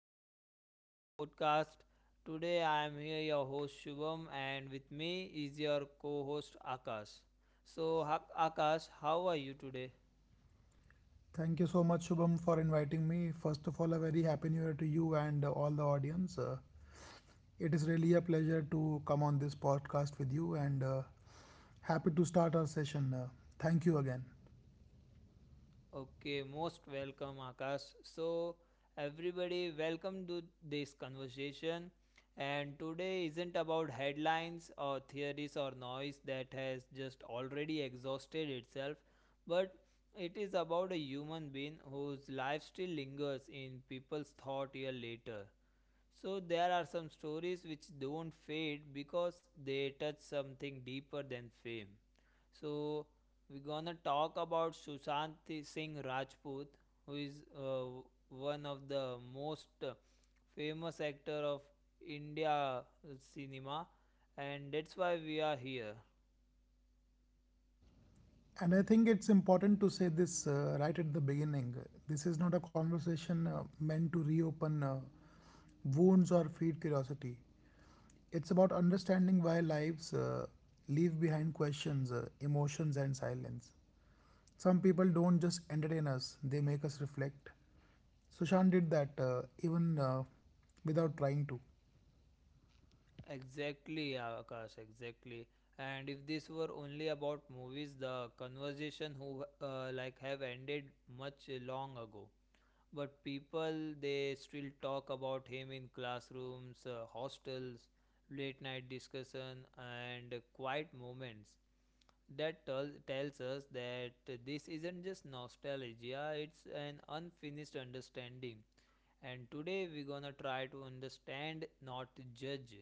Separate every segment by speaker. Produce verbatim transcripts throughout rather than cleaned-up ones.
Speaker 1: welcome back to the podcast. Today I am here, your host Shubham, and with me is your co host Akash. So, Ha- Akash, how are you today?
Speaker 2: Thank you so much, Shubham, for inviting me. First of all, a very happy new year to you and uh, all the audience. Uh, it is really a pleasure to come on this podcast with you and uh, happy to start our session. Uh, thank you again.
Speaker 1: Okay, most welcome, Akash. So, everybody, welcome to this conversation. And today isn't about headlines or theories or noise that has just already exhausted itself, but it is about a human being whose life still lingers in people's thought year later. So, there are some stories which don't fade because they touch something deeper than fame. So we're gonna talk about Sushant Singh Rajput, who is uh, one of the most uh, famous actor of India cinema, and that's why we are here.
Speaker 2: And I think it's important to say this uh, right at the beginning. This is not a conversation uh, meant to reopen uh, wounds or feed curiosity. It's about understanding why lives uh, leave behind questions, uh, emotions, and silence. Some people don't just entertain us, they make us reflect. Sushant did that uh, even uh, without trying to.
Speaker 1: Exactly, Akash. Exactly. And if this were only about movies, the conversation who uh, like have ended much long ago. But people they still talk about him in classrooms, uh, hostels, late night discussion, and quiet moments that tell, tells us that this isn't just nostalgia, it's an unfinished understanding. And today we're gonna try to understand, not judge.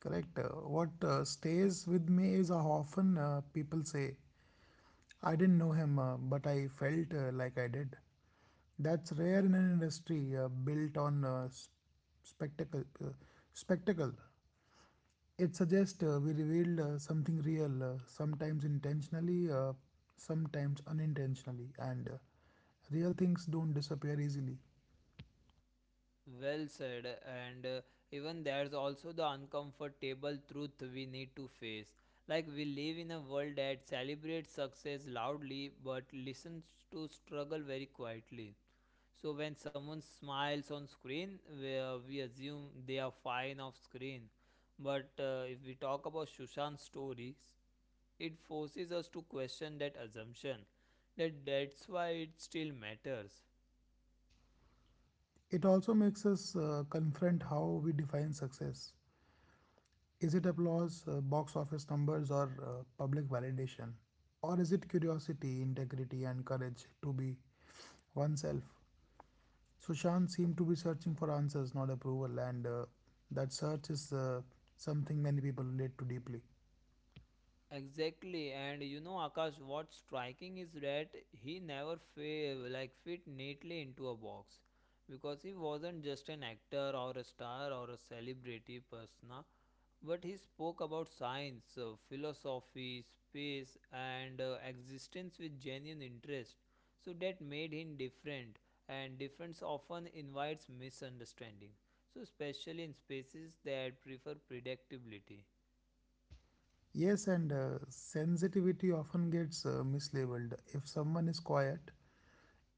Speaker 2: Correct. Uh, what uh, stays with me is how often uh, people say, I didn't know him, uh, but I felt uh, like I did. That's rare in an industry uh, built on uh, spectacle. Uh, spectacle. It suggests uh, we revealed uh, something real, uh, sometimes intentionally, uh, sometimes unintentionally, and uh, real things don't disappear easily.
Speaker 1: Well said, and uh, even there's also the uncomfortable truth we need to face. Like, we live in a world that celebrates success loudly but listens to struggle very quietly. So, when someone smiles on screen, we, uh, we assume they are fine off screen. But uh, if we talk about Shushan's stories, it forces us to question that assumption. That that's why it still matters.
Speaker 2: It also makes us uh, confront how we define success. Is it applause, uh, box office numbers, or uh, public validation? Or is it curiosity, integrity, and courage to be oneself? Sushant seemed to be searching for answers, not approval, and uh, that search is uh, something many people relate to deeply.
Speaker 1: Exactly, and you know, Akash, what's striking is that he never fa- like fit neatly into a box, because he wasn't just an actor or a star or a celebrity persona, but he spoke about science, uh, philosophy, space, and uh, existence with genuine interest. So that made him different, and difference often invites misunderstanding, so especially in spaces that prefer predictability.
Speaker 2: Yes, and uh, sensitivity often gets uh, mislabeled. If someone is quiet,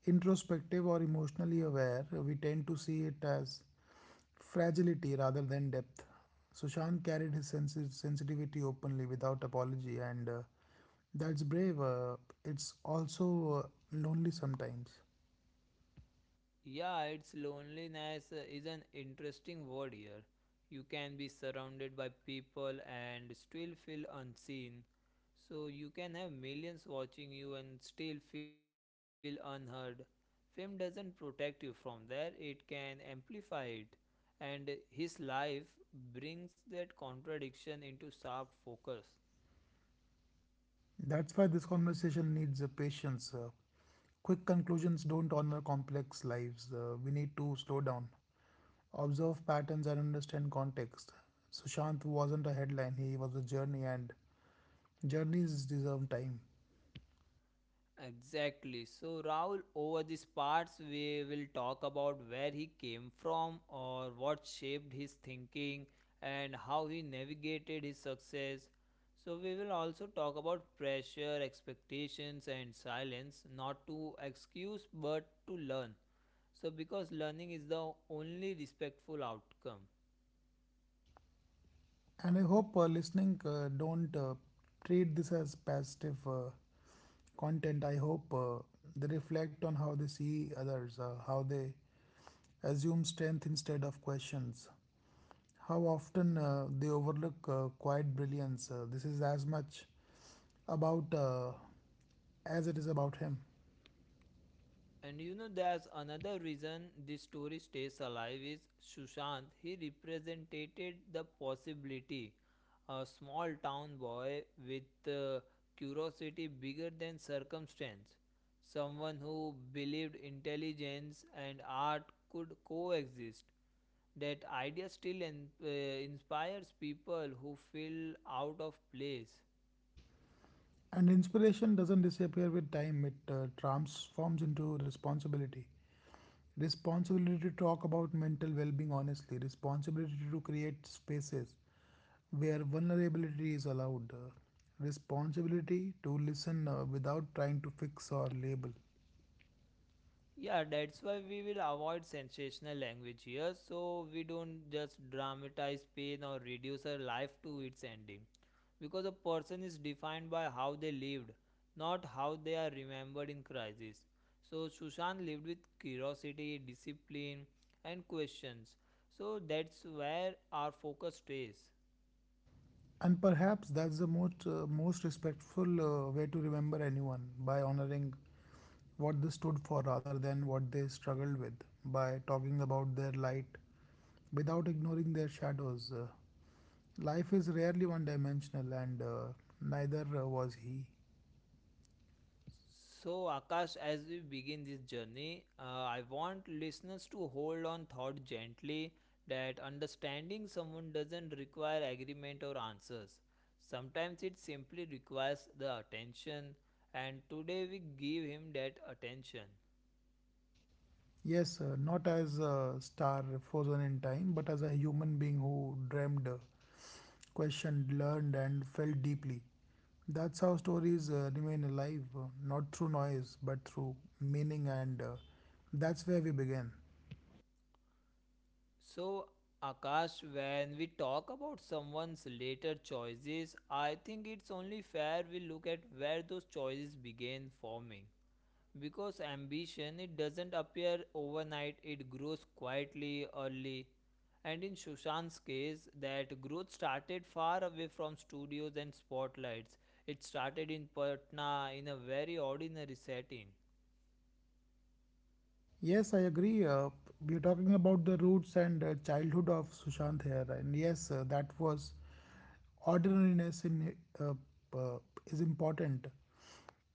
Speaker 2: introspective, or emotionally aware, we tend to see it as fragility rather than depth. Sushant carried his sensi- sensitivity openly without apology, and uh, that's brave. Uh, it's also uh, lonely sometimes.
Speaker 1: Yeah, it's loneliness uh, is an interesting word here. You can be surrounded by people and still feel unseen. So you can have millions watching you and still feel unheard. Fame doesn't protect you from that; it can amplify it. And his life brings that contradiction into sharp focus.
Speaker 2: That's why this conversation needs uh, patience. Uh, quick conclusions don't honor complex lives. Uh, we need to slow down, observe patterns, and understand context. Sushant wasn't a headline, he was a journey, and journeys deserve time.
Speaker 1: Exactly. So, Raul, over these parts, we will talk about where he came from or what shaped his thinking and how he navigated his success. So, we will also talk about pressure, expectations, and silence, not to excuse but to learn. So, because learning is the only respectful outcome.
Speaker 2: And I hope uh, listening uh, don't uh, treat this as passive uh, content. I hope uh, they reflect on how they see others, uh, how they assume strength instead of questions, how often uh, they overlook uh, quiet brilliance. Uh, this is as much about uh, as it is about him.
Speaker 1: And you know, there's another reason this story stays alive is Sushant. He represented the possibility. A small town boy with uh, curiosity bigger than circumstance. Someone who believed intelligence and art could coexist. That idea still in, uh, inspires people who feel out of place.
Speaker 2: And inspiration doesn't disappear with time; it uh, transforms into responsibility. Responsibility to talk about mental well being honestly, responsibility to create spaces where vulnerability is allowed, uh, responsibility to listen uh, without trying to fix or label.
Speaker 1: Yeah, that's why we will avoid sensational language here, so we don't just dramatize pain or reduce our life to its ending. Because a person is defined by how they lived, not how they are remembered in crisis. So, Sushant lived with curiosity, discipline, and questions. So, that's where our focus stays.
Speaker 2: And perhaps that's the most, uh, most respectful uh, way to remember anyone by honoring what they stood for rather than what they struggled with, by talking about their light without ignoring their shadows. Uh, life is rarely one dimensional, and uh, neither uh, was he.
Speaker 1: So, Akash, as we begin this journey, uh, I want listeners to hold on thought gently that understanding someone doesn't require agreement or answers. Sometimes it simply requires the attention, and today we give him that attention.
Speaker 2: Yes, uh, not as a star frozen in time, but as a human being who dreamed, uh, questioned, learned, and felt deeply. That's how stories uh, remain alive, uh, not through noise, but through meaning, and uh, that's where we begin.
Speaker 1: So, Akash, when we talk about someone's later choices, I think it's only fair we look at where those choices began forming. Because ambition, it doesn't appear overnight, it grows quietly, early. And in Shushant's case, that growth started far away from studios and spotlights. It started in Patna, in a very ordinary setting.
Speaker 2: Yes, I agree. Uh, we are talking about the roots and uh, childhood of Sushant here, and yes, uh, that was ordinariness in uh, uh, is important.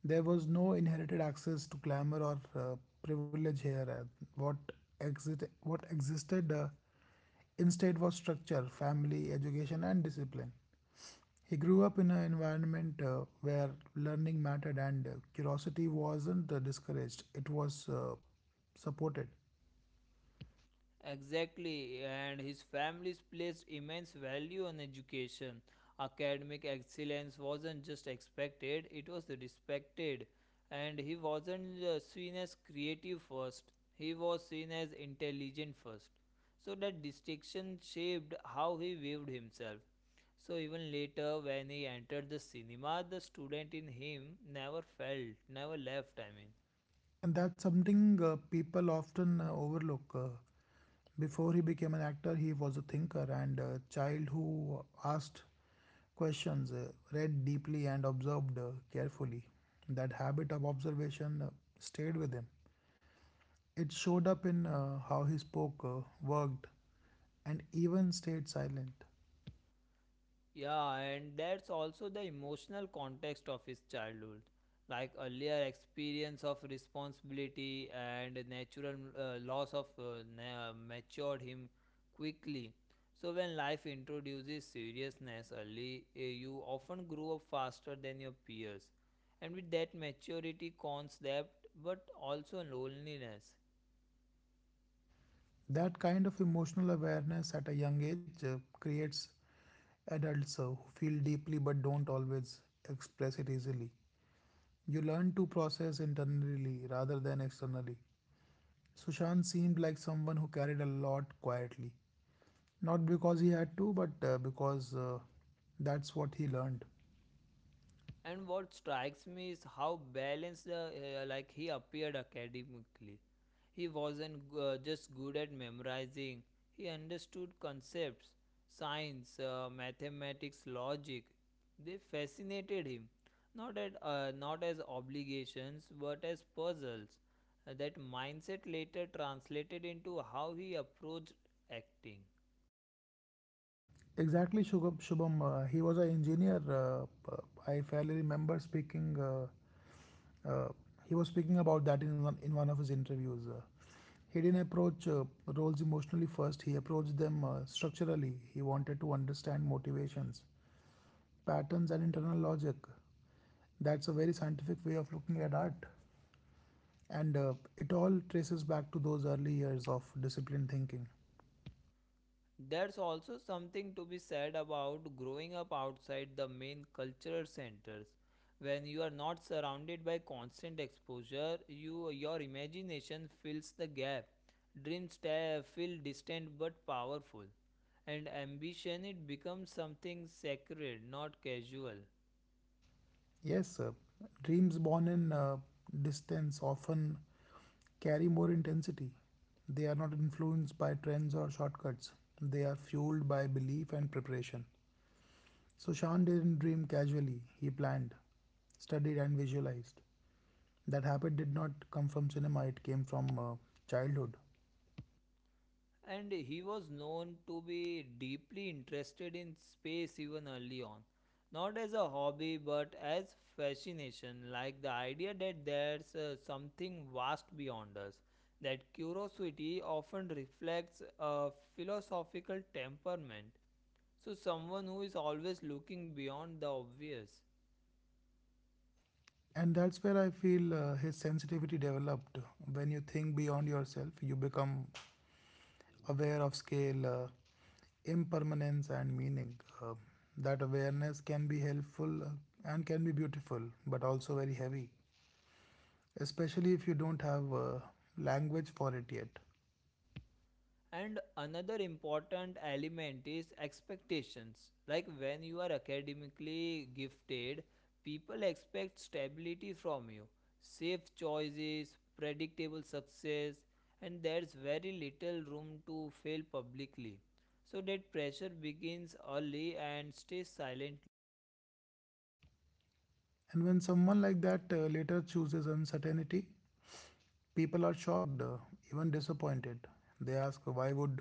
Speaker 2: There was no inherited access to glamour or uh, privilege here. And what exit what existed uh, instead was structure, family, education, and discipline. He grew up in an environment uh, where learning mattered and uh, curiosity wasn't uh, discouraged, it was uh, supported.
Speaker 1: Exactly, and his families placed immense value on education. Academic excellence wasn't just expected, it was respected. And he wasn't uh, seen as creative first, he was seen as intelligent first. So that distinction shaped how he viewed himself. So even later, when he entered the cinema, the student in him never felt, never left, I mean.
Speaker 2: And that's something uh, people often uh, overlook. Uh, before he became an actor, he was a thinker and a child who asked questions, uh, read deeply, and observed uh, carefully. That habit of observation uh, stayed with him. It showed up in uh, how he spoke, uh, worked, and even stayed silent.
Speaker 1: Yeah, and that's also the emotional context of his childhood. Like earlier experience of responsibility and natural uh, loss of uh, na- matured him quickly. So when life introduces seriousness early, eh, you often grow up faster than your peers. And with that maturity comes depth but also loneliness.
Speaker 2: That kind of emotional awareness at a young age uh, creates adults uh, who feel deeply but don't always express it easily. You learn to process internally rather than externally. Sushant seemed like someone who carried a lot quietly. Not because he had to, but uh, because uh, that's what he learned.
Speaker 1: And what strikes me is how balanced uh, uh, like he appeared academically. He wasn't g- uh, just good at memorizing, he understood concepts. Science, uh, mathematics, logic, they fascinated him, not at uh, not as obligations but as puzzles. Uh, that mindset later translated into how he approached acting.
Speaker 2: Exactly, Shugam- Shubham. Uh, he was an engineer. Uh, uh, I fairly remember speaking. Uh, uh, he was speaking about that in one, in one of his interviews. Uh, he didn't approach uh, roles emotionally first, he approached them uh, structurally. He wanted to understand motivations, patterns, and internal logic. That's a very scientific way of looking at art. And uh, it all traces back to those early years of disciplined thinking.
Speaker 1: There's also something to be said about growing up outside the main cultural centers. When you are not surrounded by constant exposure, you your imagination fills the gap. Dreams ta- feel distant but powerful, and ambition, it becomes something sacred, not casual.
Speaker 2: Yes, uh, dreams born in uh, distance often carry more intensity. They are not influenced by trends or shortcuts. They are fueled by belief and preparation. So Sean didn't dream casually. He planned, studied, and visualized. That habit did not come from cinema, it came from uh, childhood.
Speaker 1: And he was known to be deeply interested in space even early on. Not as a hobby, but as fascination, like the idea that there's uh, something vast beyond us. That curiosity often reflects a philosophical temperament. So, someone who is always looking beyond the obvious.
Speaker 2: And that's where I feel uh, his sensitivity developed. When you think beyond yourself, you become aware of scale, uh, impermanence and meaning. Uh, that awareness can be helpful uh, and can be beautiful, but also very heavy, especially if you don't have uh, language for it yet.
Speaker 1: And another important element is expectations, like when you are academically gifted, people expect stability from you, safe choices, predictable success, and there's very little room to fail publicly. So that pressure begins early and stays silently.
Speaker 2: And when someone like that uh, later chooses uncertainty, people are shocked, uh, even disappointed. They ask, Why would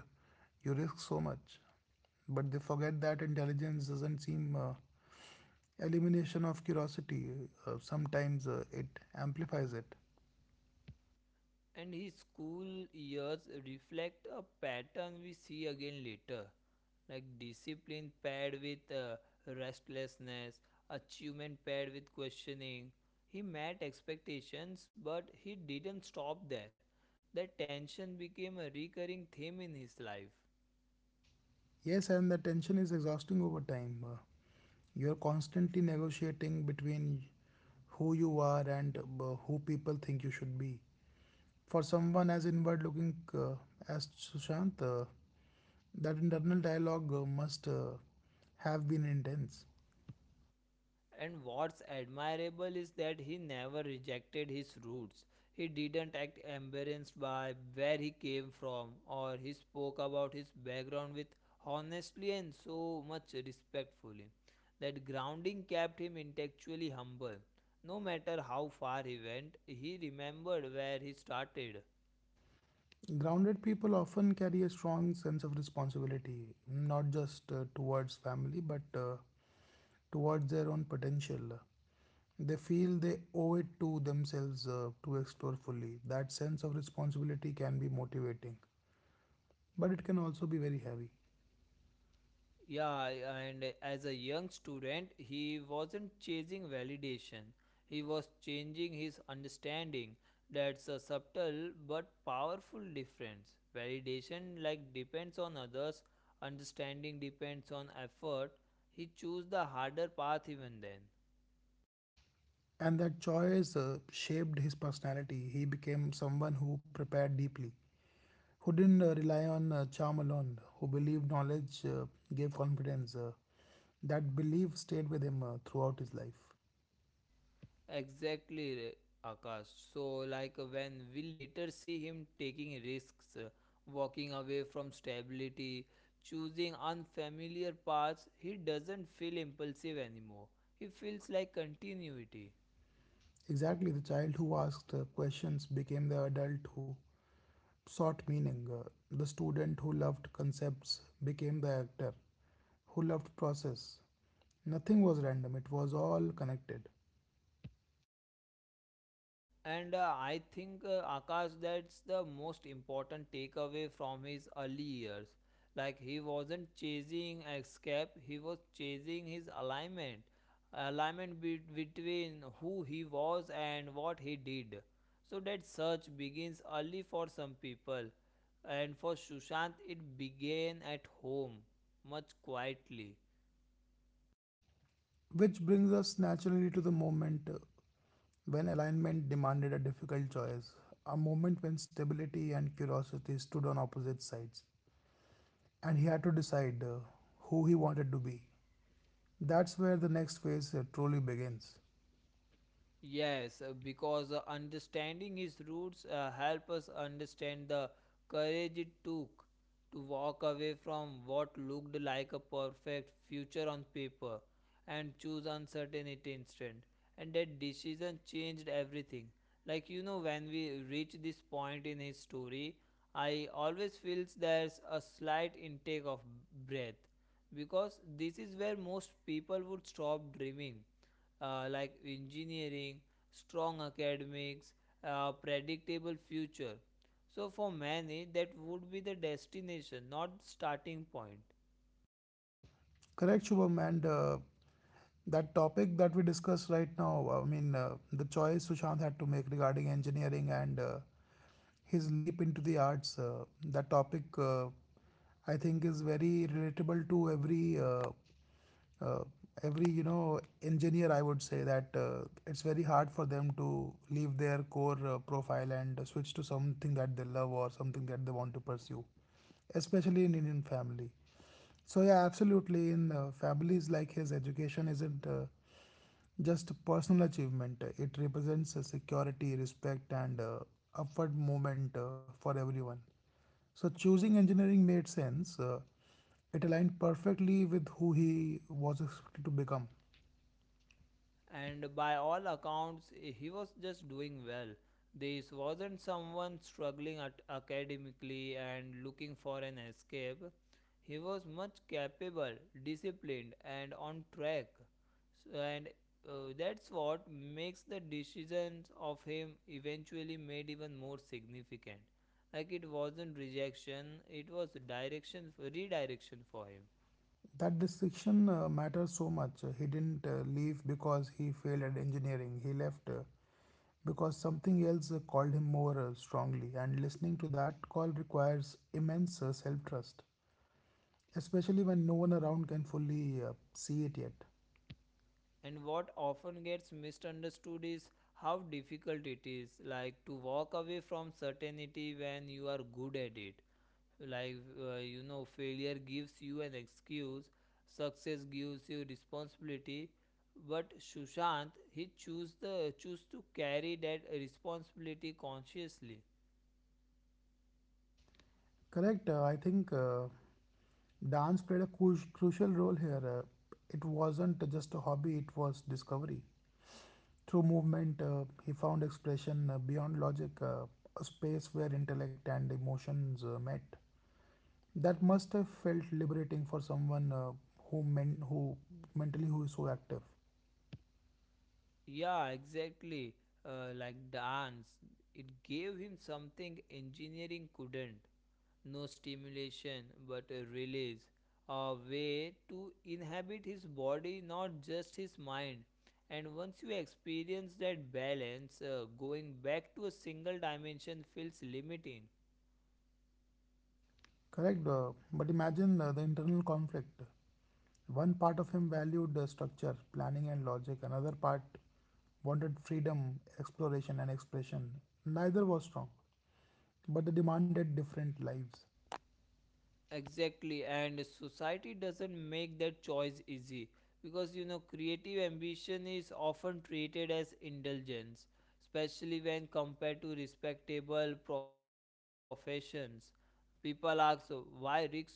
Speaker 2: you risk so much? But they forget that intelligence doesn't seem uh, elimination of curiosity, uh, sometimes uh, it amplifies it.
Speaker 1: And his school years reflect a pattern we see again later, like discipline paired with uh, restlessness, achievement paired with questioning. He met expectations but he didn't stop there. That tension became a recurring theme in his life.
Speaker 2: Yes, and the tension is exhausting over time. Uh, you're constantly negotiating between who you are and uh, who people think you should be. For someone as inward looking uh, as Sushant, uh, that internal dialogue uh, must uh, have been intense.
Speaker 1: And what's admirable is that he never rejected his roots. He didn't act embarrassed by where he came from, or he spoke about his background with honestly and so much respectfully. That grounding kept him intellectually humble. No matter how far he went, he remembered where he started.
Speaker 2: Grounded people often carry a strong sense of responsibility, not just uh, towards family, but uh, towards their own potential. They feel they owe it to themselves uh, to explore fully. That sense of responsibility can be motivating, but it can also be very heavy.
Speaker 1: Yeah, and as a young student, he wasn't chasing validation. He was changing his understanding. That's a subtle but powerful difference. Validation like depends on others, understanding depends on effort. He chose the harder path even then.
Speaker 2: And that choice uh, shaped his personality. He became someone who prepared deeply, who didn't uh, rely on uh, charm alone, who believed knowledge uh, gave confidence. Uh, that belief stayed with him uh, throughout his life.
Speaker 1: Exactly, Akash. So, like uh, when we later see him taking risks, uh, walking away from stability, choosing unfamiliar paths, he doesn't feel impulsive anymore. He feels like continuity.
Speaker 2: Exactly, the child who asked uh, questions became the adult who sought meaning. Uh, the student who loved concepts became the actor who loved process. Nothing was random, it was all connected.
Speaker 1: And uh, I think uh, Akash, that's the most important takeaway from his early years. Like he wasn't chasing escape, he was chasing his alignment. Alignment be- between who he was and what he did. So that search begins early for some people. And for Sushant, it began at home, much quietly.
Speaker 2: Which brings us naturally to the moment uh, when alignment demanded a difficult choice, a moment when stability and curiosity stood on opposite sides, and he had to decide uh, who he wanted to be. That's where the next phase uh, truly begins.
Speaker 1: Yes, uh, because uh, understanding his roots uh, help us understand the courage it took to walk away from what looked like a perfect future on paper and choose uncertainty instead. And that decision changed everything. Like you know, when we reach this point in his story, I always feels there's a slight intake of breath, because this is where most people would stop dreaming, uh, like engineering, strong academics, uh, predictable future. So for many, that would be the destination, not starting point.
Speaker 2: Correct, Shubham, and uh, that topic that we discussed right now, I mean, uh, the choice Sushant had to make regarding engineering and uh, his leap into the arts, uh, that topic uh, I think is very relatable to every uh, uh, every you know engineer. I would say that uh, it's very hard for them to leave their core uh, profile and switch to something that they love or something that they want to pursue, especially in Indian family. So yeah, absolutely. In uh, families like his, education isn't uh, just a personal achievement. It represents a security, respect, and uh, upward movement uh, for everyone. So choosing engineering made sense. Uh, it aligned perfectly with who he was expected to become.
Speaker 1: And by all accounts he was just doing well. This wasn't someone struggling at academically and looking for an escape. He was much capable, disciplined, and on track. So, and uh, that's what makes the decisions of him eventually made even more significant. Like it wasn't rejection, it was direction redirection for him.
Speaker 2: That distinction uh, matters so much. He didn't uh, leave because he failed at engineering. He left uh, because something else uh, called him more uh, strongly, and listening to that call requires immense uh, self trust, especially when no one around can fully uh, see it yet.
Speaker 1: And what often gets misunderstood is how difficult it is, like to walk away from certainty when you are good at it. Like, uh, you know, failure gives you an excuse, success gives you responsibility. But Sushant, he choose the choose to carry that responsibility consciously.
Speaker 2: Correct, uh, I think uh, dance played a cru- crucial role here. Uh, it wasn't just a hobby, it was discovery. Through movement, uh, he found expression uh, beyond logic, uh, a space where intellect and emotions uh, met. That must have felt liberating for someone uh, who men who mentally who is so active.
Speaker 1: Yeah, exactly. Uh, like dance, it gave him something engineering couldn't. No stimulation but a release, a way to inhabit his body, not just his mind. And once you experience that balance, uh, going back to a single dimension feels limiting.
Speaker 2: Correct, uh, but imagine uh, the internal conflict. One part of him valued uh, structure, planning, and logic, another part wanted freedom, exploration, and expression. Neither was strong, but they demanded different lives.
Speaker 1: Exactly, and society doesn't make that choice easy, because you know creative ambition is often treated as indulgence, especially when compared to respectable professions. People ask, "Oh, why risk so much?"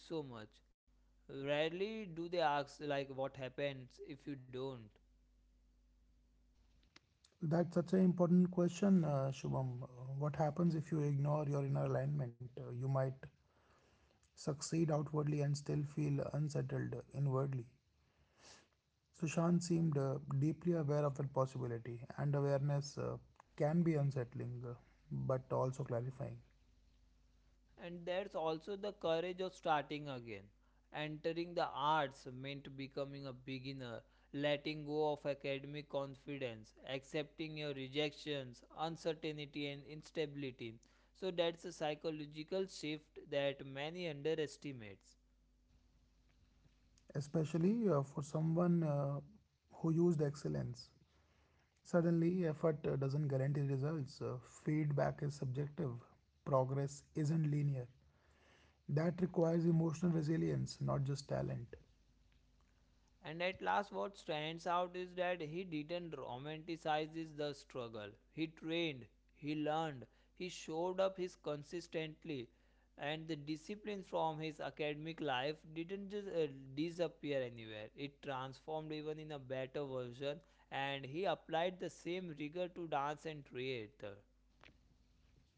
Speaker 1: Rarely do they ask, like, what happens if you don't.
Speaker 2: That's such an important question, uh, Shubham. Uh, What happens if you ignore your inner alignment? Uh, you might succeed outwardly and still feel unsettled inwardly. Sushant seemed uh, deeply aware of that possibility, and awareness uh, can be unsettling uh, but also clarifying,
Speaker 1: And there's also the courage of starting again. Entering the arts meant becoming a beginner, letting go of academic confidence, accepting your rejections, uncertainty, and instability. So, that's a psychological shift that many underestimates.
Speaker 2: especially uh, for someone uh, who used excellence. Suddenly, effort uh, doesn't guarantee results, uh, feedback is subjective, progress isn't linear. That requires emotional resilience, not just talent.
Speaker 1: And at last, what stands out is that he didn't romanticize the struggle. He trained, he learned, he showed up his consistently, and the discipline from his academic life didn't just uh, disappear anywhere. It transformed even in a better version, and he applied the same rigor to dance and theater.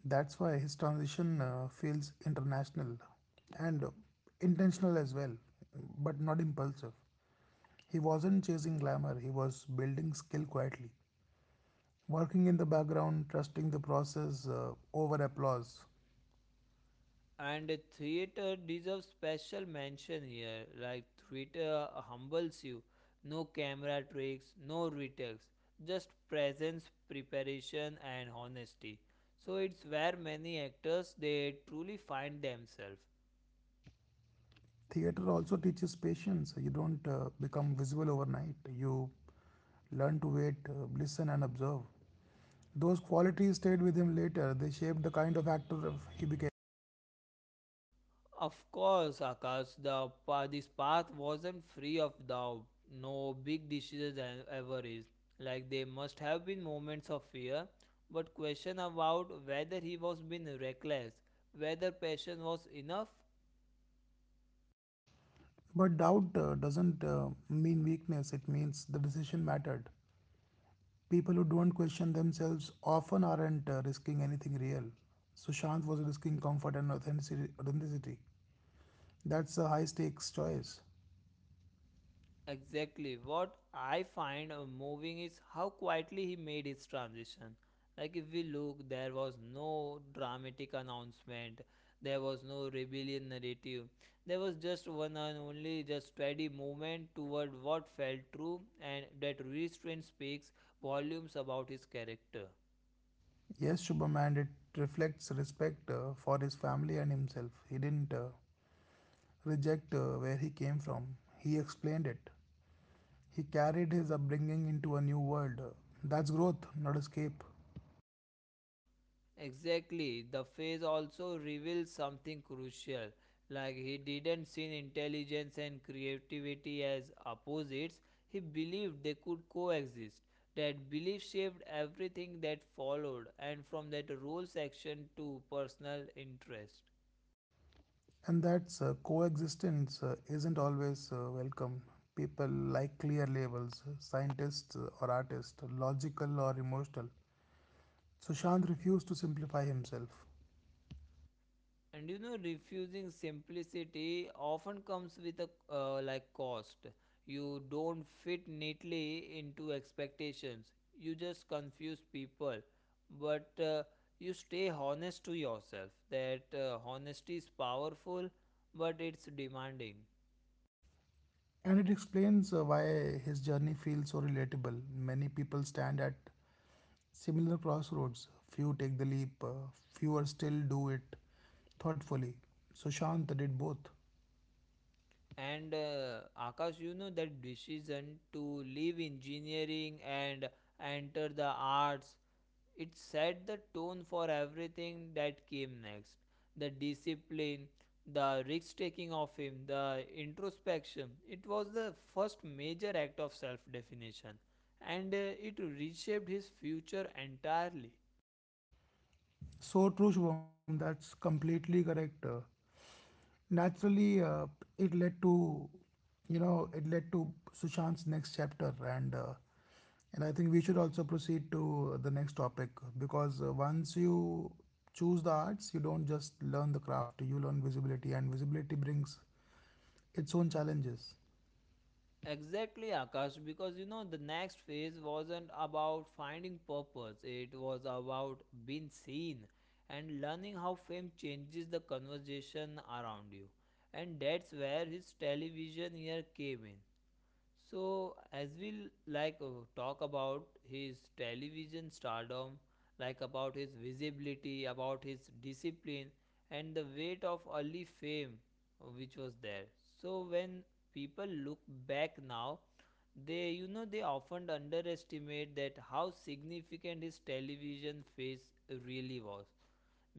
Speaker 2: That's why his transition uh, feels international and intentional as well, but not impulsive. He wasn't chasing glamour, he was building skill quietly, working in the background, trusting the process uh, over applause.
Speaker 1: And a theater deserves special mention here. Like theater humbles you. No camera tricks, no retakes, just presence, preparation, and honesty. So it's where many actors they truly find themselves.
Speaker 2: Theater also teaches patience. You don't uh, become visual overnight, you learn to wait, uh, listen, and observe. Those qualities stayed with him later, they shaped the kind of actor he became.
Speaker 1: Of course, Akash, the pa- this path wasn't free of doubt. No big decision e- ever is. Like there must have been moments of fear, but question about whether he was being reckless, whether passion was enough,
Speaker 2: But doubt uh, doesn't uh, mean weakness, it means the decision mattered. People who don't question themselves often aren't uh, risking anything real. Sushant was risking comfort and authenticity. authenticity. That's a high stakes choice.
Speaker 1: exactly. What I find uh, moving is how quietly he made his transition. Like, if we look, there was no dramatic announcement, there was no rebellion narrative, there was just one and only, just steady movement toward what felt true, and that restraint speaks volumes about his character.
Speaker 2: Yes, Shubham, and it reflects respect uh, for his family and himself. He didn't uh, reject uh, where he came from, he explained it. He carried his upbringing into a new world. That's growth, not escape.
Speaker 1: Exactly. The face also reveals something crucial. Like he didn't see intelligence and creativity as opposites. He believed they could coexist. That belief shaped everything that followed, and from that role section to personal interest.
Speaker 2: And that's uh, coexistence uh, isn't always uh, welcome. People like clear labels, uh, scientists uh, or artists, logical or emotional. Sushant refused to simplify himself.
Speaker 1: And you know refusing simplicity often comes with a uh, like cost. You don't fit neatly into expectations, you just confuse people, but uh, you stay honest to yourself. That uh, honesty is powerful, but it's demanding.
Speaker 2: And it explains uh, why his journey feels so relatable. Many people stand at similar crossroads. Few take the leap, uh, fewer still do it thoughtfully. Sushant did both.
Speaker 1: And uh, Akash, you know that decision to leave engineering and enter the arts, it set the tone for everything that came next. The discipline, the risk taking of him, the introspection. It was the first major act of self definition, and uh, it reshaped his future entirely.
Speaker 2: So true, Shubham, that's completely correct. Uh, naturally, uh, it led to you know it led to Sushant's next chapter, and uh, and I think we should also proceed to the next topic because, uh, once you choose the arts, you don't just learn the craft, you learn visibility, and visibility brings its own challenges.
Speaker 1: Exactly, Akash, because you know the next phase wasn't about finding purpose, it was about being seen and learning how fame changes the conversation around you. And that's where his television year came in. So, as we like uh, talk about his television stardom, like about his visibility, about his discipline, and the weight of early fame uh, which was there. So, when people look back now, they you know they often underestimate that how significant his television phase really was,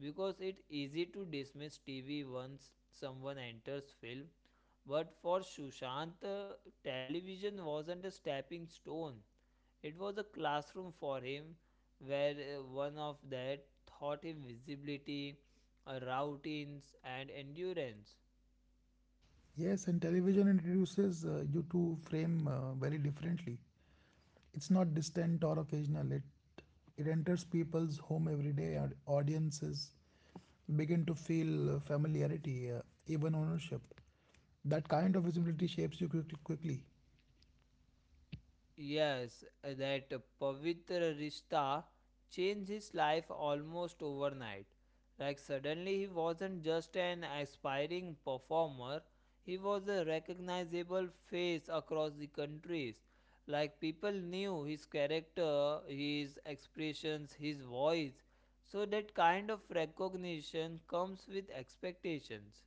Speaker 1: because it's easy to dismiss T V once someone enters film. But for Sushant, uh, television wasn't a stepping stone. It was a classroom for him, where uh, one of that taught him visibility, uh, routines, and endurance.
Speaker 2: Yes, and television introduces uh, you to frame uh, very differently. It's not distant or occasional, it it enters people's home every day, or audiences begin to feel uh, familiarity, uh, even ownership. That kind of visibility shapes you quickly, quickly.
Speaker 1: Yes, uh, that Pavitra Rishta changed his life almost overnight. Like suddenly he wasn't just an aspiring performer, he was a recognizable face across the countries. Like people knew his character, his expressions, his voice. So that kind of recognition comes with expectations.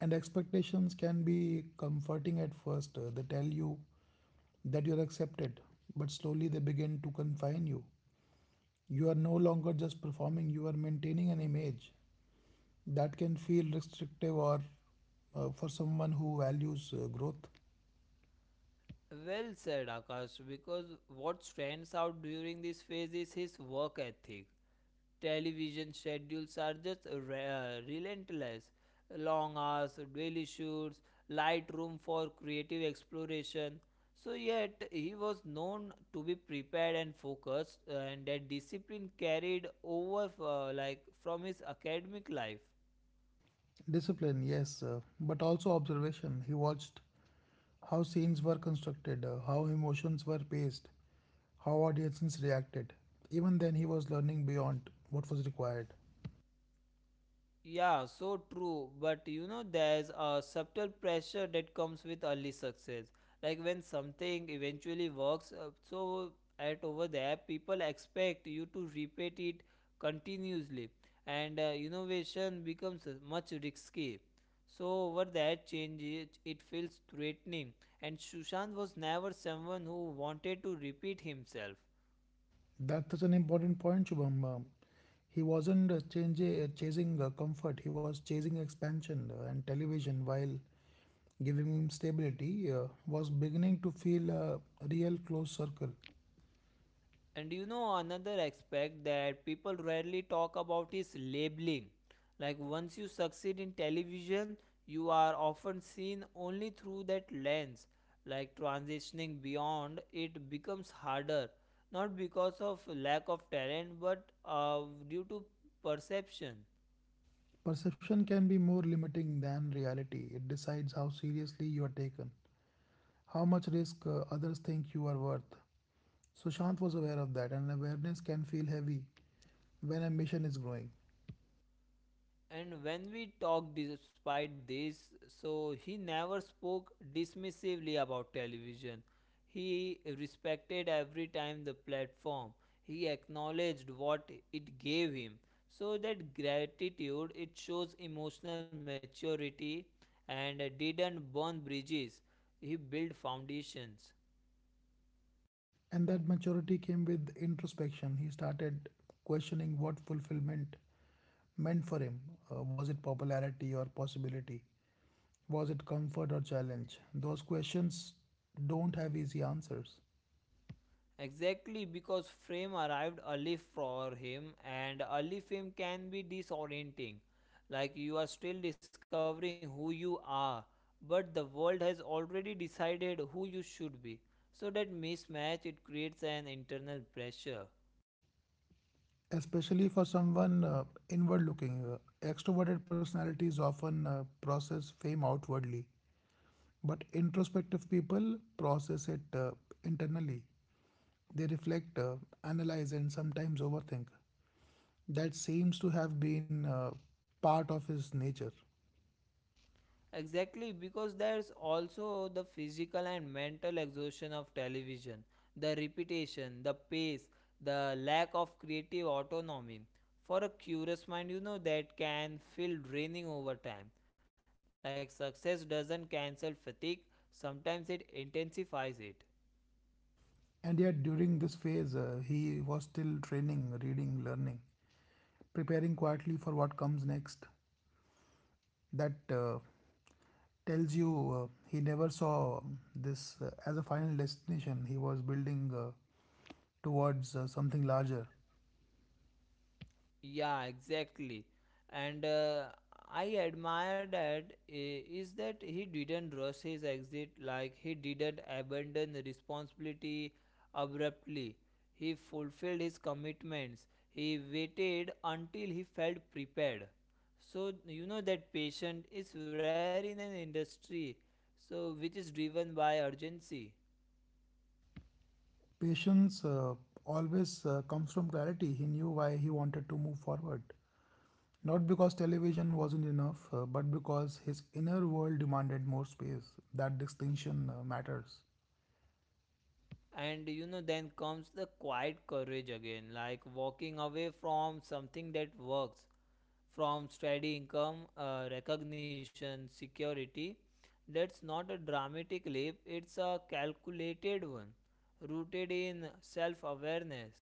Speaker 2: And expectations can be comforting at first. Uh, they tell you that you're accepted, but slowly they begin to confine you. You are no longer just performing, you are maintaining an image that can feel restrictive, or uh, for someone who values uh, growth.
Speaker 1: Well said, Akash, because what stands out during this phase is his work ethic. Television schedules are just re- uh, relentless. Long hours, daily shoots, light room for creative exploration. So, yet he was known to be prepared and focused, uh, and that discipline carried over uh, like from his academic life.
Speaker 2: Discipline, yes, uh, but also observation. He watched how scenes were constructed, uh, how emotions were paced, how audiences reacted. Even then, he was learning beyond what was required.
Speaker 1: Yeah, so true. But you know, there's a subtle pressure that comes with early success. Like when something eventually works, uh, so at over there, people expect you to repeat it continuously, and uh, innovation becomes uh, much risky. So over that change, it, it feels threatening. And Sushant was never someone who wanted to repeat himself.
Speaker 2: That's such an important point, Shubham. Um, He wasn't, uh, change, uh, chasing uh, comfort, he was chasing expansion, uh, and television, while giving him stability, uh, was beginning to feel a real close circle.
Speaker 1: And you know, another aspect that people rarely talk about is labeling. Like, once you succeed in television, you are often seen only through that lens. Like, transitioning beyond it becomes harder, not because of lack of talent, but uh, due to perception.
Speaker 2: Perception can be more limiting than reality. It decides how seriously you are taken, how much risk uh, others think you are worth. Sushant was aware of that, and awareness can feel heavy when ambition is growing.
Speaker 1: And when we talked despite this, so he never spoke dismissively about television. He respected every time the platform. He acknowledged what it gave him. So that gratitude it shows emotional maturity and didn't burn bridges. He built foundations.
Speaker 2: And that maturity came with introspection. He started questioning what fulfillment meant for him. Uh, was it popularity or possibility? Was it comfort or challenge? Those questions don't have easy answers,
Speaker 1: Exactly because Frame arrived early for him, and early fame can be disorienting. Like you are still discovering who you are, but the world has already decided who you should be. So that mismatch it creates an internal pressure.
Speaker 2: especially for someone uh, inward looking. Uh, extroverted personalities often uh, process fame outwardly, but introspective people process it uh, internally. They reflect, uh, analyze, and sometimes overthink. That seems to have been uh, part of his nature.
Speaker 1: Exactly, because there's also the physical and mental exhaustion of television, the repetition, the pace, the lack of creative autonomy. For a curious mind, you know, that can feel draining over time. Like success doesn't cancel fatigue, sometimes it intensifies it.
Speaker 2: And yet, during this phase, uh, he was still training, reading, learning, preparing quietly for what comes next. That uh, tells you uh, he never saw this uh, as a final destination. He was building uh, towards uh, something larger.
Speaker 1: Yeah, exactly. And uh, I admire that eh, is that he didn't rush his exit, like he didn't abandon the responsibility abruptly. He fulfilled his commitments. He waited until he felt prepared. So you know that patient is rare in an industry, so which is driven by urgency.
Speaker 2: Patience uh, always uh, comes from clarity. He knew why he wanted to move forward. Not because television wasn't enough, uh, but because his inner world demanded more space. That distinction uh, matters.
Speaker 1: And you know, then comes the quiet courage again, like walking away from something that works, from steady income, uh, recognition, security. That's not a dramatic leap, it's a calculated one, rooted in self awareness.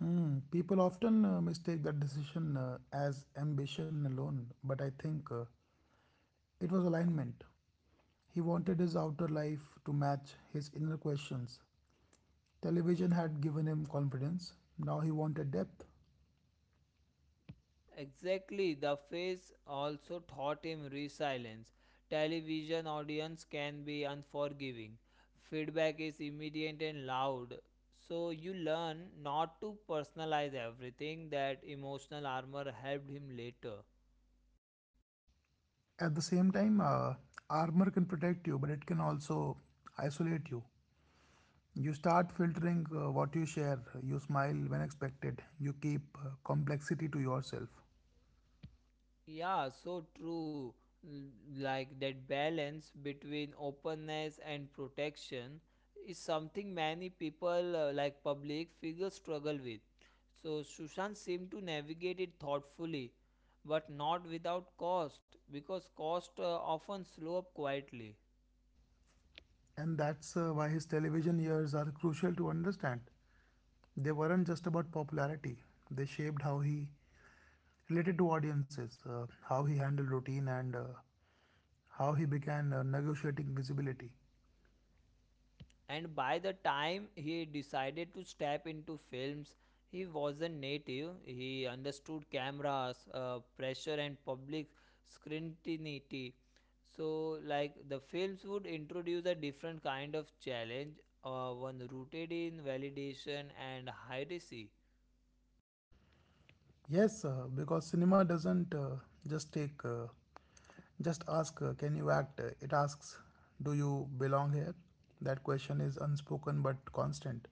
Speaker 2: Hmm. People often uh, mistake that decision uh, as ambition alone, but I think uh, it was alignment. He wanted his outer life to match his inner questions. Television had given him confidence, now he wanted depth.
Speaker 1: Exactly, the phase also taught him resilience. Television audience can be unforgiving. Feedback is immediate and loud. So you learn not to personalize everything that emotional armor helped him later.
Speaker 2: At the same time, uh, armor can protect you, but it can also isolate you. You start filtering uh, what you share, you smile when expected, you keep uh, complexity to yourself.
Speaker 1: Yeah, so true. L- Like that balance between openness and protection is something many people, uh, like public figures, struggle with. So Sushant seemed to navigate it thoughtfully, but not without cost, because cost uh, often slow up quietly.
Speaker 2: And that's uh, why his television years are crucial to understand. They weren't just about popularity, they shaped how he related to audiences, uh, how he handled routine, and uh, how he began uh, negotiating visibility.
Speaker 1: And by the time he decided to step into films, he wasn't native. He understood cameras, uh, pressure, and public scrutiny. So, like the films would introduce a different kind of challenge, uh, one rooted in validation and hierarchy.
Speaker 2: Yes, uh, because cinema doesn't uh, just take, uh, just ask, uh, can you act? Uh, It asks, do you belong here? That question is unspoken but constant.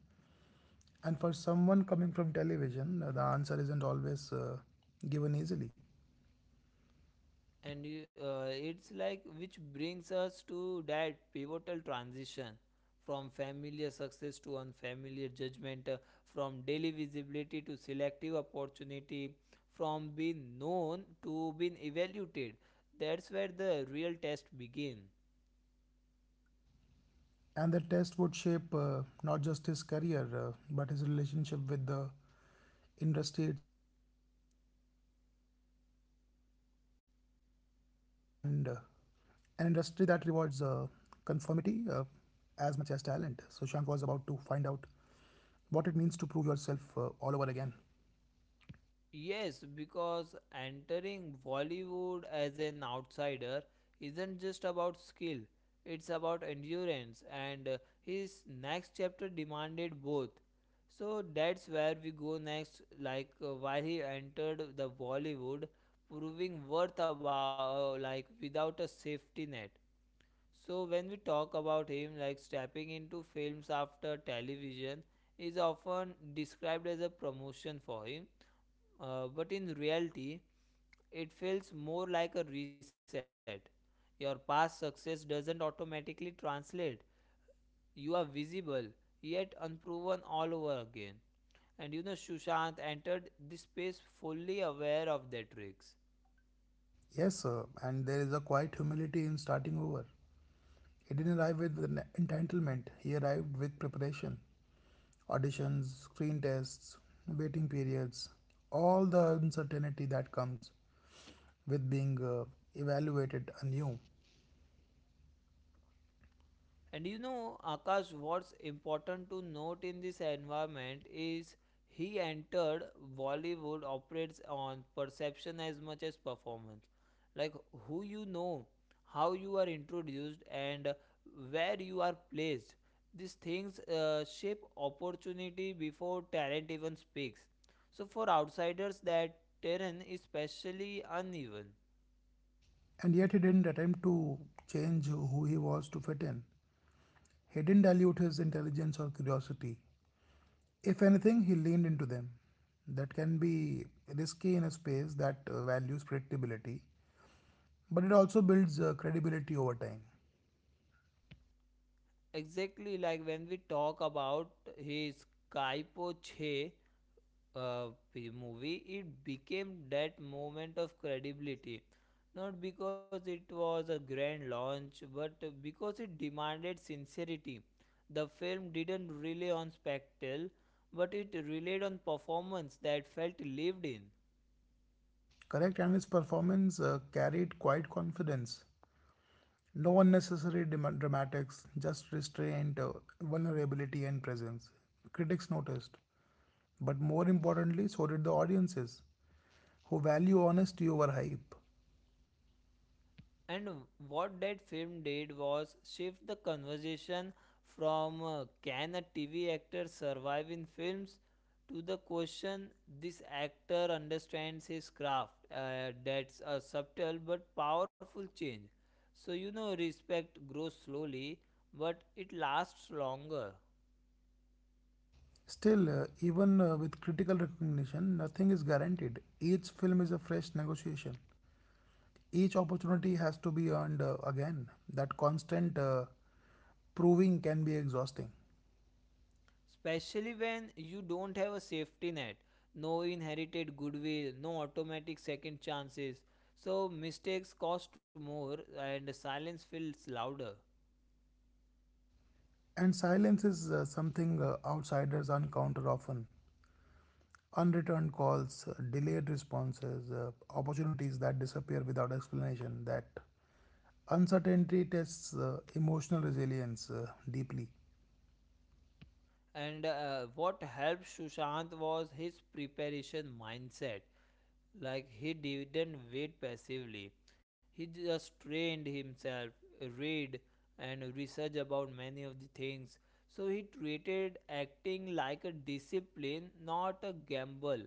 Speaker 2: And for someone coming from television, uh, the answer isn't always uh, given easily.
Speaker 1: And you, uh, it's like which brings us to that pivotal transition from familiar success to unfamiliar judgment, uh, from daily visibility to selective opportunity, from being known to being evaluated. That's where the real test begins.
Speaker 2: And the test would shape uh, not just his career, uh, but his relationship with the industry itself, and uh, an industry that rewards uh, conformity uh, as much as talent. So Shant was about to find out what it means to prove yourself uh, all over again.
Speaker 1: Yes, because entering Bollywood as an outsider isn't just about skill, it's about endurance, and uh, his next chapter demanded both. So that's where we go next, like uh, why he entered the Bollywood, proving worth about, uh, like without a safety net. So when we talk about him, like stepping into films after television is often described as a promotion for him uh, but in reality, it feels more like a reset. Your past success doesn't automatically translate. You are visible, yet unproven all over again. And you know, Sushant entered this space fully aware of that risk.
Speaker 2: Yes, uh, and there is a quiet humility in starting over. He didn't arrive with an entitlement, he arrived with preparation. Auditions, screen tests, waiting periods, all the uncertainty that comes with being uh, evaluated anew.
Speaker 1: And you know, Akash, what's important to note in this environment is he entered Bollywood operates on perception as much as performance. Like who you know, how you are introduced, and where you are placed. These things uh, shape opportunity before talent even speaks. So, for outsiders, that terrain is especially uneven.
Speaker 2: And yet, he didn't attempt to change who he was to fit in. He didn't dilute his intelligence or curiosity. If anything, he leaned into them. That can be risky in a space that uh, values predictability, but it also builds uh, credibility over time.
Speaker 1: Exactly like when we talk about his Kaipo Che uh, p- movie, it became that moment of credibility. Not because it was a grand launch, but because it demanded sincerity. The film didn't rely on spectacle, but it relied on performance that felt lived in.
Speaker 2: Correct, and his performance uh, carried quite confidence. No unnecessary dramatics, just restraint, uh, vulnerability, and presence. Critics noticed, but more importantly, so did the audiences, who value honesty over hype.
Speaker 1: And what that film did was shift the conversation from uh, can a T V actor survive in films to the question this actor understands his craft. Uh, that's a subtle but powerful change. So, you know, respect grows slowly, but it lasts longer.
Speaker 2: Still, uh, even uh, with critical recognition, nothing is guaranteed. Each film is a fresh negotiation. Each opportunity has to be earned uh, again. That constant uh, proving can be exhausting.
Speaker 1: Especially when you don't have a safety net, no inherited goodwill, no automatic second chances. So mistakes cost more and silence feels louder.
Speaker 2: And silence is uh, something uh, outsiders encounter often. Unreturned calls, uh, delayed responses, uh, opportunities that disappear without explanation, that uncertainty tests uh, emotional resilience uh, deeply.
Speaker 1: And uh, what helped Sushant was his preparation mindset. Like he didn't wait passively, he just trained himself, read and research about many of the things. So he treated acting like a discipline, not a gamble,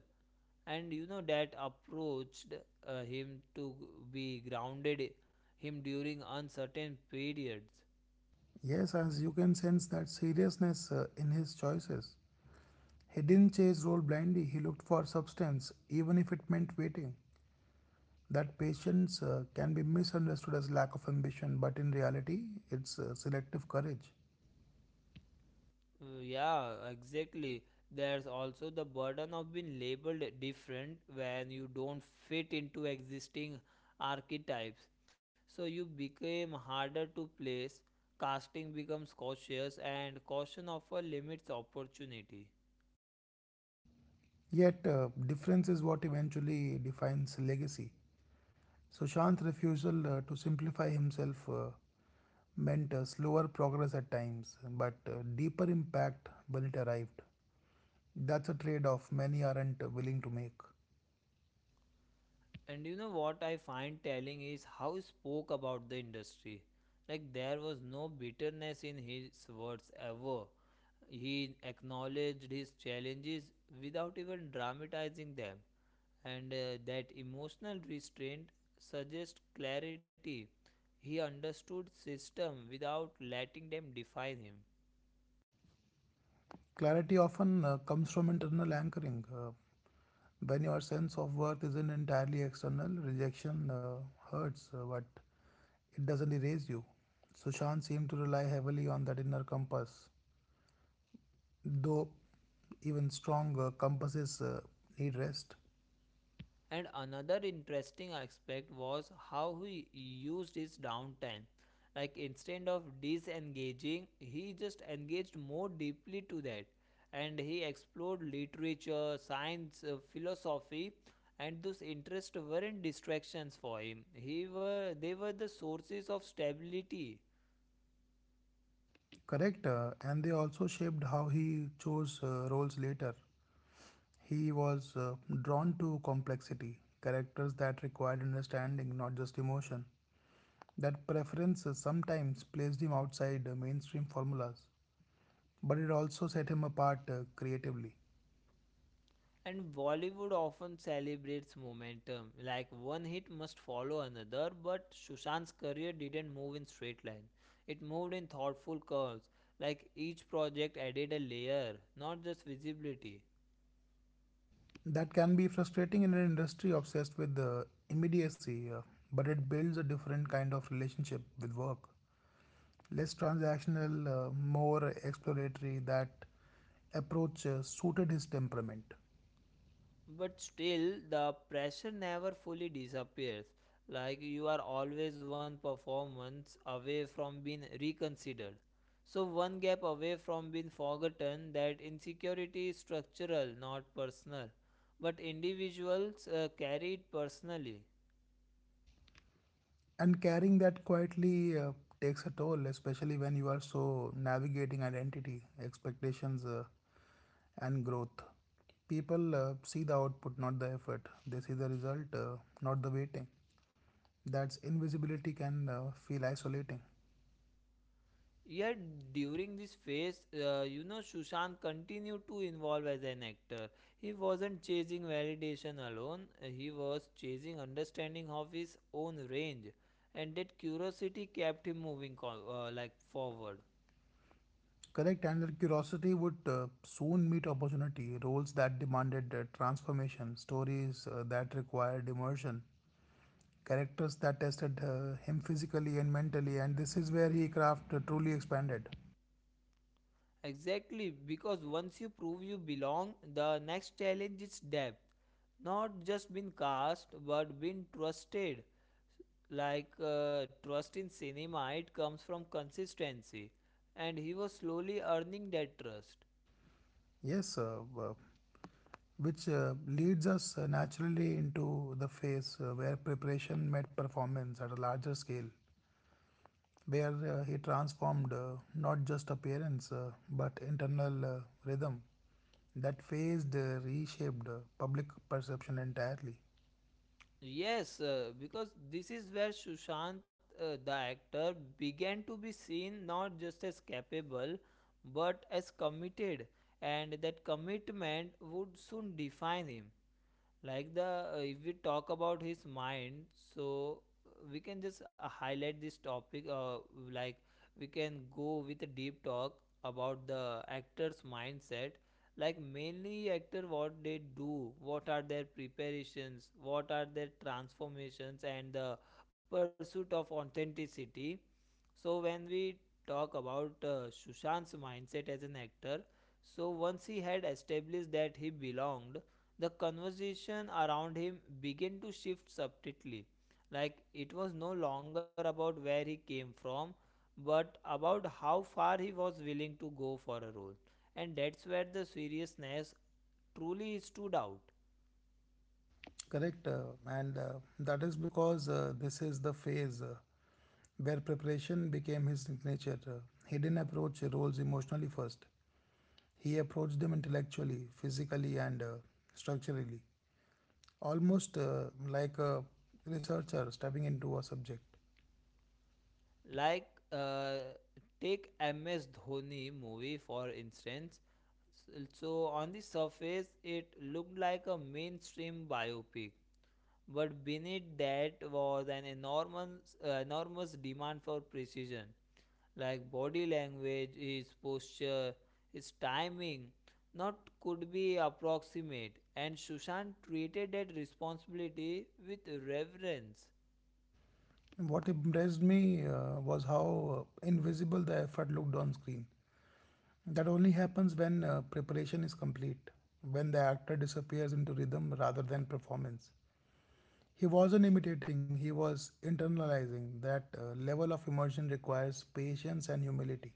Speaker 1: and you know that approached uh, him to be grounded him during uncertain periods.
Speaker 2: Yes, as you can sense that seriousness uh, in his choices. He didn't chase role blindly, he looked for substance, even if it meant waiting. That patience uh, can be misunderstood as lack of ambition, but in reality, it's uh, selective courage.
Speaker 1: Uh, yeah exactly, there's also the burden of being labeled different when you don't fit into existing archetypes, so you became harder to place, casting becomes cautious and caution often limits opportunity.
Speaker 2: Yet, uh, difference is what eventually defines legacy. Sushant's refusal uh, to simplify himself uh, meant uh, slower progress at times, but uh, deeper impact when it arrived. That's a trade off many aren't uh, willing to make.
Speaker 1: And you know what I find telling is how he spoke about the industry. Like there was no bitterness in his words ever. He acknowledged his challenges without even dramatizing them. And uh, that emotional restraint suggests clarity. He understood system without letting them define him.
Speaker 2: Clarity often uh, comes from internal anchoring. Uh, when your sense of worth isn't entirely external, rejection uh, hurts, uh, but it doesn't erase you. Sushant seemed to rely heavily on that inner compass, though even strong uh, compasses uh, need rest.
Speaker 1: And another interesting aspect was how he used his downtime. Like instead of disengaging, he just engaged more deeply to that. And he explored literature, science, uh, philosophy, and those interests weren't distractions for him. He were they were the sources of stability.
Speaker 2: Correct, uh, and they also shaped how he chose uh, roles later. He was uh, drawn to complexity, characters that required understanding, not just emotion. That preference uh, sometimes placed him outside uh, mainstream formulas, but it also set him apart uh, creatively.
Speaker 1: And Bollywood often celebrates momentum, like one hit must follow another, but Sushant's career didn't move in straight line. It moved in thoughtful curves, like each project added a layer, not just visibility.
Speaker 2: That can be frustrating in an industry obsessed with uh, immediacy, uh, but it builds a different kind of relationship with work. Less transactional, uh, more exploratory, that approach uh, suited his temperament.
Speaker 1: But still the pressure never fully disappears, like you are always one performance away from being reconsidered, so one gap away from being forgotten. That insecurity is structural not personal, but individuals uh, carry it personally.
Speaker 2: And carrying that quietly uh, takes a toll, especially when you are so navigating identity, expectations, uh, and growth. People uh, see the output, not the effort. They see the result, uh, not the waiting. That's invisibility can uh, feel isolating.
Speaker 1: Yet during this phase, uh, you know, Sushant continued to evolve as an actor. He wasn't chasing validation alone, uh, he was chasing understanding of his own range, and that curiosity kept him moving co- uh, like forward.
Speaker 2: Correct, and their curiosity would uh, soon meet opportunity, roles that demanded uh, transformation, stories uh, that required immersion, characters that tested uh, him physically and mentally, and this is where he craft uh, truly expanded.
Speaker 1: Exactly, because once you prove you belong, the next challenge is depth. Not just being cast, but being trusted. Like uh, trust in cinema it comes from consistency, and he was slowly earning that trust.
Speaker 2: Yes, uh, uh, which uh, leads us uh, naturally into the phase uh, where preparation met performance at a larger scale, where uh, he transformed uh, not just appearance uh, but internal uh, rhythm. That phased, uh, reshaped uh, public perception entirely.
Speaker 1: Yes uh, because this is where Sushant uh, the actor began to be seen not just as capable but as committed, and that commitment would soon define him. Like the uh, if we talk about his mind, so uh, we can just uh, highlight this topic, uh, like we can go with a deep talk about the actor's mindset, like mainly actor what they do, what are their preparations, what are their transformations, and the pursuit of authenticity. So when we talk about uh, Sushant's mindset as an actor, so once he had established that he belonged, the conversation around him began to shift subtly. Like it was no longer about where he came from, but about how far he was willing to go for a role. And that's where the seriousness truly stood out.
Speaker 2: Correct, uh, and uh, that is because uh, this is the phase uh, where preparation became his signature. Uh, He didn't approach roles emotionally first, he approached them intellectually, physically, and uh, structurally, almost uh, like a researcher stepping into a subject.
Speaker 1: like uh, Take MS Dhoni movie, for instance. So on the surface it looked like a mainstream biopic, but beneath that was an enormous uh, enormous demand for precision, like body language, his posture, his timing, not could be approximate. And Sushant treated that responsibility with reverence.
Speaker 2: What impressed me uh, was how uh, invisible the effort looked on screen. That only happens when uh, preparation is complete, when the actor disappears into rhythm rather than performance. He wasn't imitating, he was internalizing. That uh, level of immersion requires patience and humility.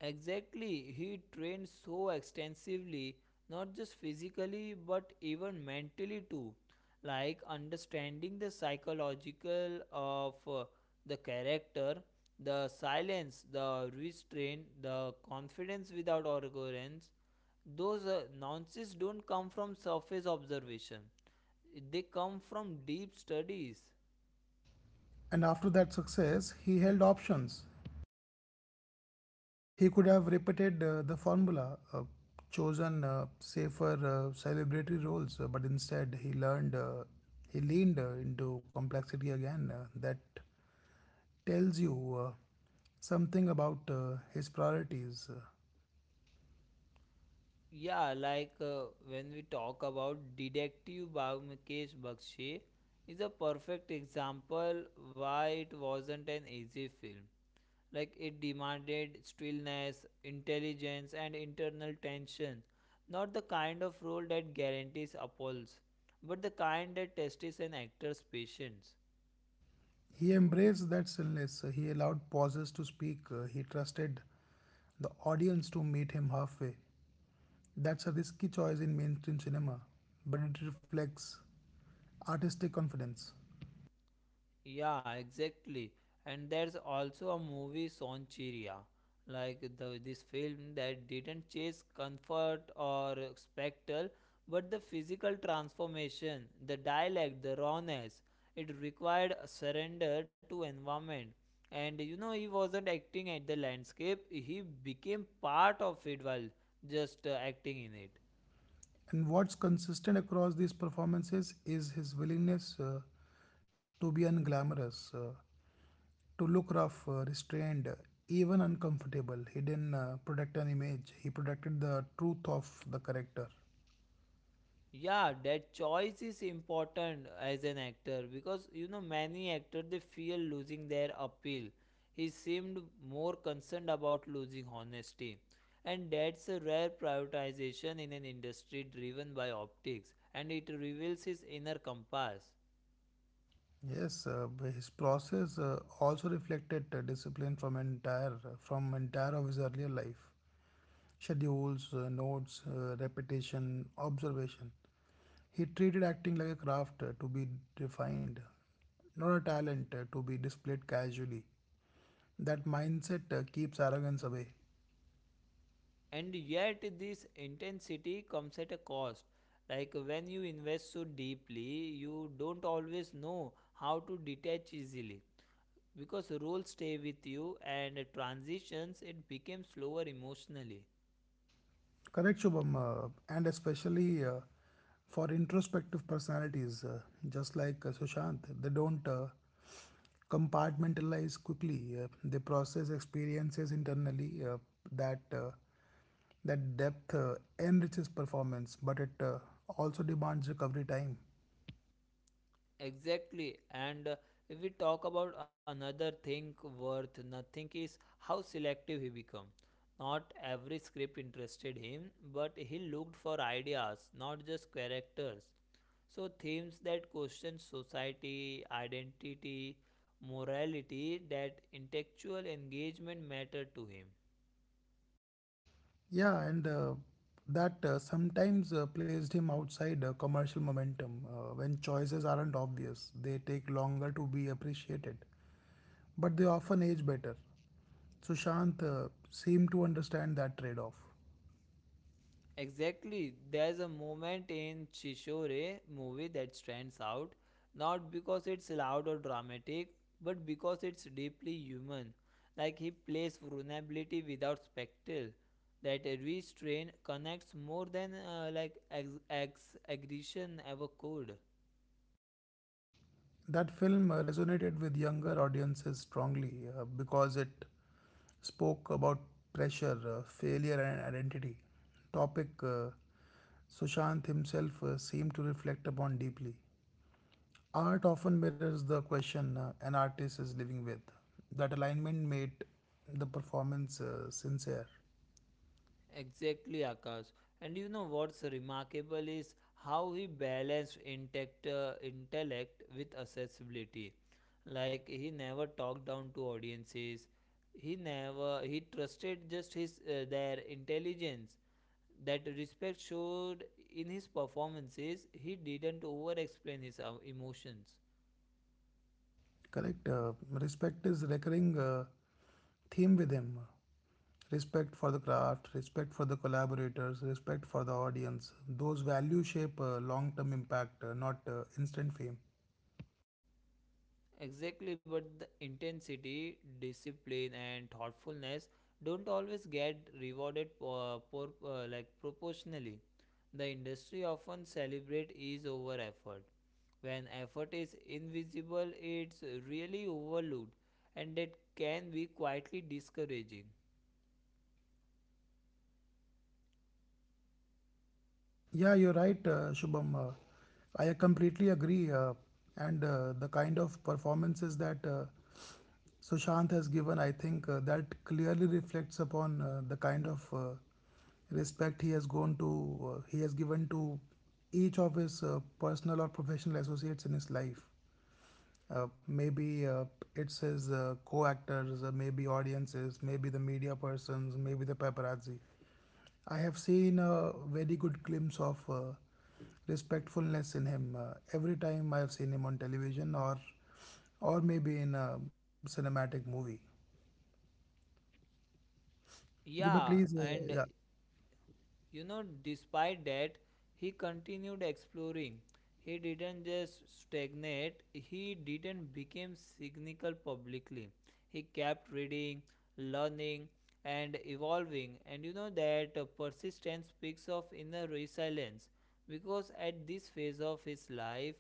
Speaker 1: Exactly, he trained so extensively, not just physically but even mentally too. Like understanding the psychological of uh, the character, the silence, the restraint, the confidence without arrogance. Those uh, nuances don't come from surface observation, they come from deep studies.
Speaker 2: And after that success, he held options. He could have repeated uh, the formula, uh, chosen uh, safer uh, celebratory roles, uh, but instead he learned, uh, he leaned uh, into complexity again. Uh, that tells you uh, something about uh, his priorities. Uh,
Speaker 1: Yeah, like uh, when we talk about Detective Byomukesh Bakshi, is a perfect example why it wasn't an easy film. Like it demanded stillness, intelligence and internal tension. Not the kind of role that guarantees applause, but the kind that tests an actor's patience.
Speaker 2: He embraced that stillness. He allowed pauses to speak. Uh, He trusted the audience to meet him halfway. That's a risky choice in mainstream cinema, but it reflects artistic confidence.
Speaker 1: Yeah, exactly. And there's also a movie Sonchiria, like the, this film that didn't chase comfort or spectacle, but the physical transformation, the dialect, the rawness. It required a surrender to environment. And you know, he wasn't acting at the landscape, he became part of it while just uh, acting in it.
Speaker 2: And what's consistent across these performances is his willingness uh, to be unglamorous, uh, to look rough, uh, restrained, uh, even uncomfortable. He didn't uh, protect an image, he protected the truth of the character.
Speaker 1: Yeah, that choice is important as an actor, because you know many actors, they fear losing their appeal. He seemed more concerned about losing honesty, and that's a rare prioritization in an industry driven by optics, and it reveals his inner compass.
Speaker 2: Yes, uh, b- his process uh, also reflected uh, discipline from entire from entire of his earlier life. Schedules, uh, notes, uh, repetition, observation. He treated acting like a craft uh, to be refined, not a talent uh, to be displayed casually. That mindset uh, keeps arrogance away.
Speaker 1: And yet this intensity comes at a cost. Like when you invest so deeply, you don't always know how to detach easily. Because roles stay with you, and transitions, it became slower emotionally.
Speaker 2: Correct, Shubham, uh, and especially uh, for introspective personalities, uh, just like uh, Sushant, they don't uh, compartmentalize quickly. Uh, they process experiences internally. Uh, that uh, that depth uh, enriches performance, but it uh, also demands recovery time.
Speaker 1: Exactly. And uh, if we talk about another thing worth nothing is how selective he became. Not every script interested him, but he looked for ideas, not just characters. So themes that question society, identity, morality, that intellectual engagement matter to him.
Speaker 2: Yeah, and uh, that uh, sometimes uh, placed him outside uh, commercial momentum. Uh, when choices aren't obvious, they take longer to be appreciated, but they often age better. Sushant uh, seemed to understand that trade off.
Speaker 1: Exactly. There's a moment in Chishore movie that stands out, not because it's loud or dramatic, but because it's deeply human. Like he plays vulnerability without spectacle. That a restraint connects more than uh, like ex- ex- aggression ever could.
Speaker 2: That film uh, resonated with younger audiences strongly uh, because it spoke about pressure, uh, failure, and identity. Topic uh, Sushant himself uh, seemed to reflect upon deeply. Art often mirrors the question uh, an artist is living with. That alignment made the performance uh, sincere.
Speaker 1: Exactly, Akash. And you know what's remarkable is how he balanced intact uh, intellect with accessibility. Like he never talked down to audiences. He never he trusted just his uh, their intelligence. That respect showed in his performances. He didn't over explain his uh, emotions.
Speaker 2: Correct. Uh, respect is recurring uh, theme with him. respect for the craft, respect for the collaborators, respect for the audience. Those values shape uh, long term impact, uh, not uh, instant fame.
Speaker 1: Exactly, but the intensity, discipline, and thoughtfulness don't always get rewarded uh, por- uh, like proportionally. The industry often celebrate ease over effort. When effort is invisible, it's really overlooked, and it can be quietly discouraging.
Speaker 2: Yeah, you're right, uh, Shubham. Uh, I completely agree. Uh, and uh, the kind of performances that uh, Sushant has given, I think uh, that clearly reflects upon uh, the kind of uh, respect he has gone to, uh, he has given to each of his uh, personal or professional associates in his life. Uh, maybe uh, it's his uh, co-actors, uh, maybe audiences, maybe the media persons, maybe the paparazzi. I have seen a very good glimpse of uh, respectfulness in him uh, every time I have seen him on television or or maybe in a cinematic movie. You may
Speaker 1: Yeah,
Speaker 2: please,
Speaker 1: and
Speaker 2: uh, yeah,
Speaker 1: you know, despite that, he continued exploring. He didn't just stagnate, he didn't become cynical publicly. He kept reading, learning, and evolving. And you know that uh, persistence speaks of inner resilience, because at this phase of his life,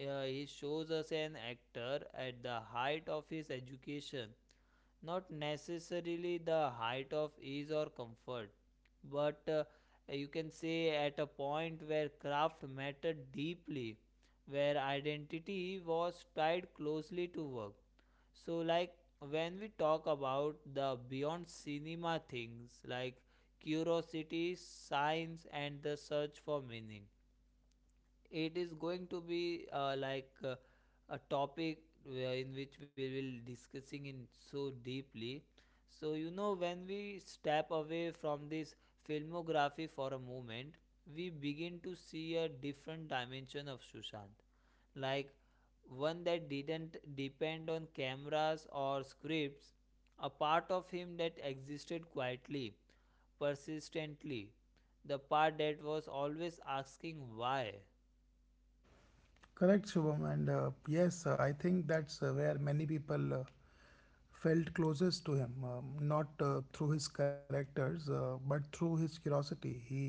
Speaker 1: uh, he shows us an actor at the height of his education, not necessarily the height of ease or comfort, but uh, you can say at a point where craft mattered deeply, where identity was tied closely to work. So, like when we talk about the beyond cinema things like curiosity, science, and the search for meaning, it is going to be uh, like uh, a topic where- in which we will discussing in so deeply. So you know, when we step away from this filmography for a moment, we begin to see a different dimension of Sushant. Like one that didn't depend on cameras or scripts, a part of him that existed quietly, persistently, the part that was always asking why.
Speaker 2: correct, Shubham. And uh, yes, uh, I think that's uh, where many people uh, felt closest to him, um, not uh, through his characters, uh, but through his curiosity. He,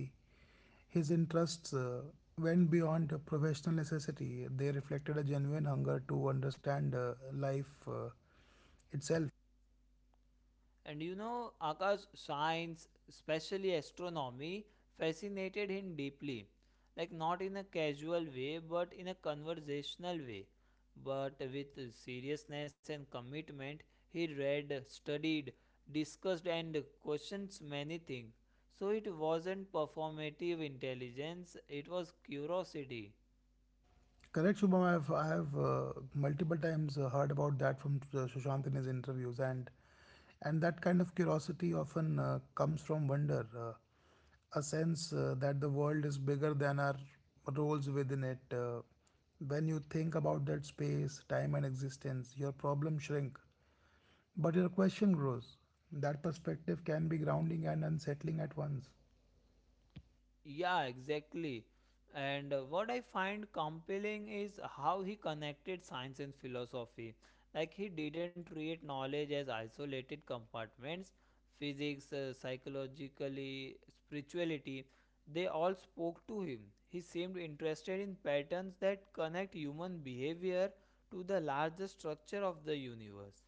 Speaker 2: his interests uh, went beyond professional necessity. They reflected a genuine hunger to understand uh, life uh, itself.
Speaker 1: And you know, Akash, science, especially astronomy, fascinated him deeply. Like, not in a casual way, but in a conversational way. But with seriousness and commitment, he read, studied, discussed, and questioned many things. So, it wasn't performative intelligence, it was curiosity.
Speaker 2: Correct, Shubham. I've I've uh, multiple times uh, heard about that from uh, Sushant in his interviews, and and that kind of curiosity often uh, comes from wonder, uh, a sense uh, that the world is bigger than our roles within it. Uh, when you think about that space, time, and existence, your problems shrink, but your question grows. That perspective can be grounding and unsettling at once.
Speaker 1: Yeah, exactly. And uh, what I find compelling is how he connected science and philosophy. Like, he didn't treat knowledge as isolated compartments. Physics, uh, psychologically, spirituality, they all spoke to him. He seemed interested in patterns that connect human behavior to the larger structure of the universe.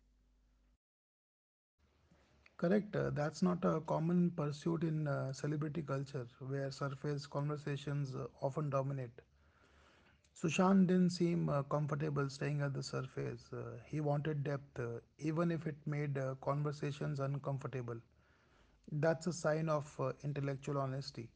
Speaker 2: Correct. Uh, that's not a common pursuit in uh, celebrity culture, where surface conversations uh, often dominate. Sushant didn't seem uh, comfortable staying at the surface. Uh, he wanted depth, uh, even if it made uh, conversations uncomfortable. That's a sign of uh, intellectual honesty.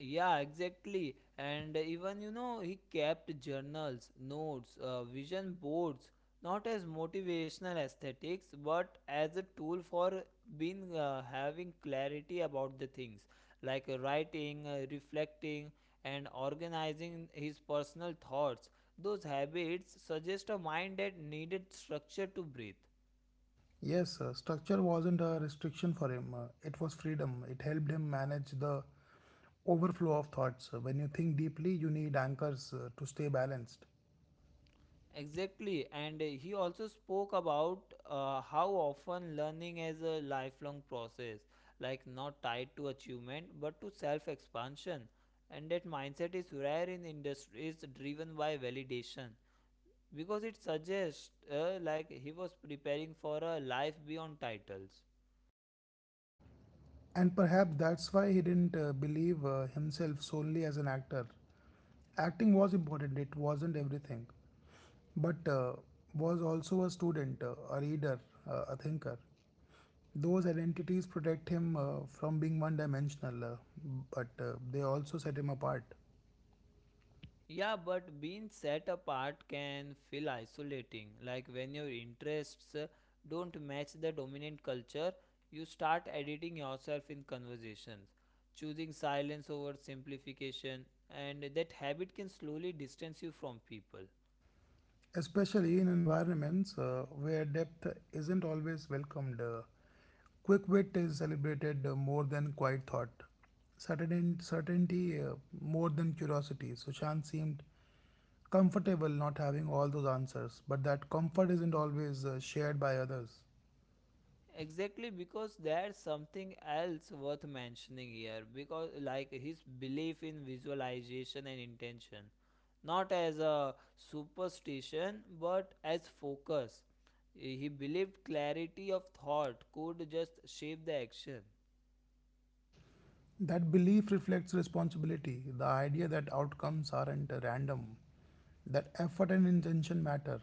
Speaker 1: Yeah, exactly. And even, you know, he kept journals, notes, uh, vision boards, not as motivational aesthetics, but as a tool for being uh, having clarity about the things like uh, writing, uh, reflecting, and organizing his personal thoughts. Those habits suggest a mind that needed structure to breathe.
Speaker 2: Yes, uh, structure wasn't a restriction for him, uh, it was freedom. It helped him manage the overflow of thoughts. When you think deeply, you need anchors uh, to stay balanced.
Speaker 1: Exactly, and he also spoke about uh, how often learning is a lifelong process, like not tied to achievement but to self expansion. And that mindset is rare in industries driven by validation, because it suggests uh, like he was preparing for a life beyond titles.
Speaker 2: And perhaps that's why he didn't uh, believe uh, himself solely as an actor. Acting was important, it wasn't everything, but uh, was also a student, uh, a reader, uh, a thinker. Those identities protect him uh, from being one dimensional, uh, but uh, they also set him apart.
Speaker 1: Yeah, but being set apart can feel isolating. Like when your interests uh, don't match the dominant culture, you start editing yourself in conversations, choosing silence over simplification, and that habit can slowly distance you from people.
Speaker 2: especially in environments uh, where depth isn't always welcomed. Uh, quick wit is celebrated uh, more than quiet thought, certain certainty uh, more than curiosity. Sushant seemed comfortable not having all those answers, but that comfort isn't always uh, shared by others.
Speaker 1: Exactly, because there's something else worth mentioning here, because like his belief in visualization and intention, not as a superstition but as focus, he believed clarity of thought could just shape the action.
Speaker 2: That belief reflects responsibility, the idea that outcomes aren't uh, random, that effort and intention matter.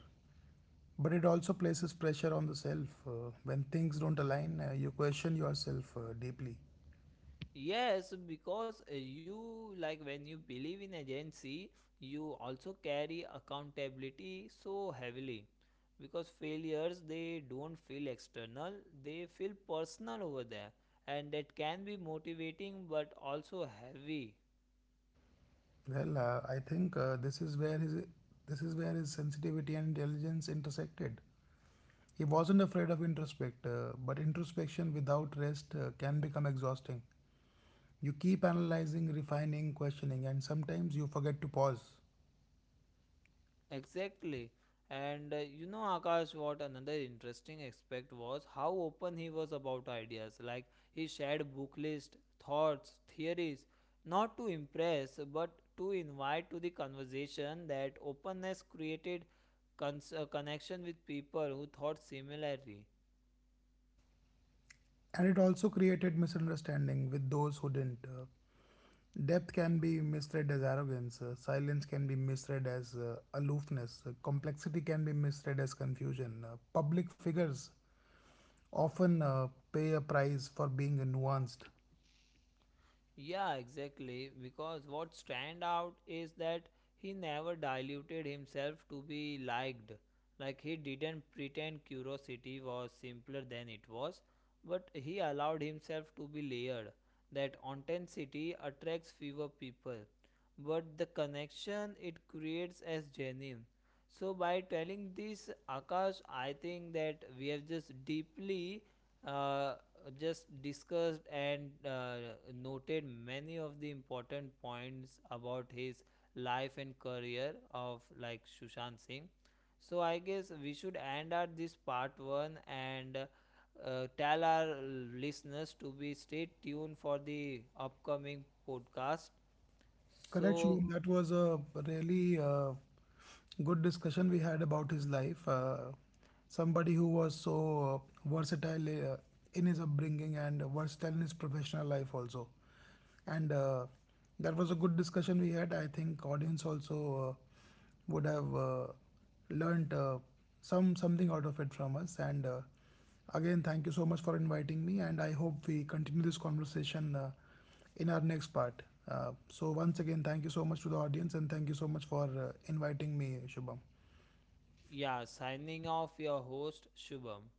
Speaker 2: But it also places pressure on the self. Uh, when things don't align, uh, you question yourself uh, deeply.
Speaker 1: Yes, because uh, you like when you believe in agency, you also carry accountability so heavily. Because failures, they don't feel external, they feel personal over there, and that can be motivating but also heavy.
Speaker 2: Well, uh, I think uh, this is where his this is where his sensitivity and intelligence intersected. He wasn't afraid of introspect, uh, but introspection without rest uh, can become exhausting. You keep analyzing, refining, questioning, and sometimes you forget to pause.
Speaker 1: Exactly. And uh, you know, Akash, what another interesting aspect was how open he was about ideas. Like, he shared book list, thoughts, theories, not to impress, but to invite to the conversation. That openness created cons- uh, connection with people who thought similarly.
Speaker 2: And it also created misunderstanding with those who didn't. Uh, Depth can be misread as arrogance, uh, silence can be misread as uh, aloofness, uh, complexity can be misread as confusion. Uh, public figures often uh, pay a price for being nuanced.
Speaker 1: Yeah, exactly. Because what stand out is that he never diluted himself to be liked. Like he didn't pretend curiosity was simpler than it was, but he allowed himself to be layered. That authenticity attracts fewer people, but the connection it creates as genuine. So by telling this, Akash, I think that we have just deeply uh, uh, just discussed and uh, noted many of the important points about his life and career of like Sushant Singh. So I guess we should end out this part one, and uh, uh, tell our listeners to be stay tuned for the upcoming podcast.
Speaker 2: Correct,
Speaker 1: So
Speaker 2: Shubham. That was a really uh, good discussion we had about his life. Uh, somebody who was so uh, versatile uh, in his upbringing and versatile in his professional life also and uh, that was a good discussion we had. I think audience also uh, would have uh, learned uh, some something out of it from us. And uh, again, thank you so much for inviting me. And I hope we continue this conversation uh, in our next part. Uh, so once again, thank you so much to the audience, and thank you so much for uh, inviting me, Shubham.
Speaker 1: yeah, signing off your host Shubham.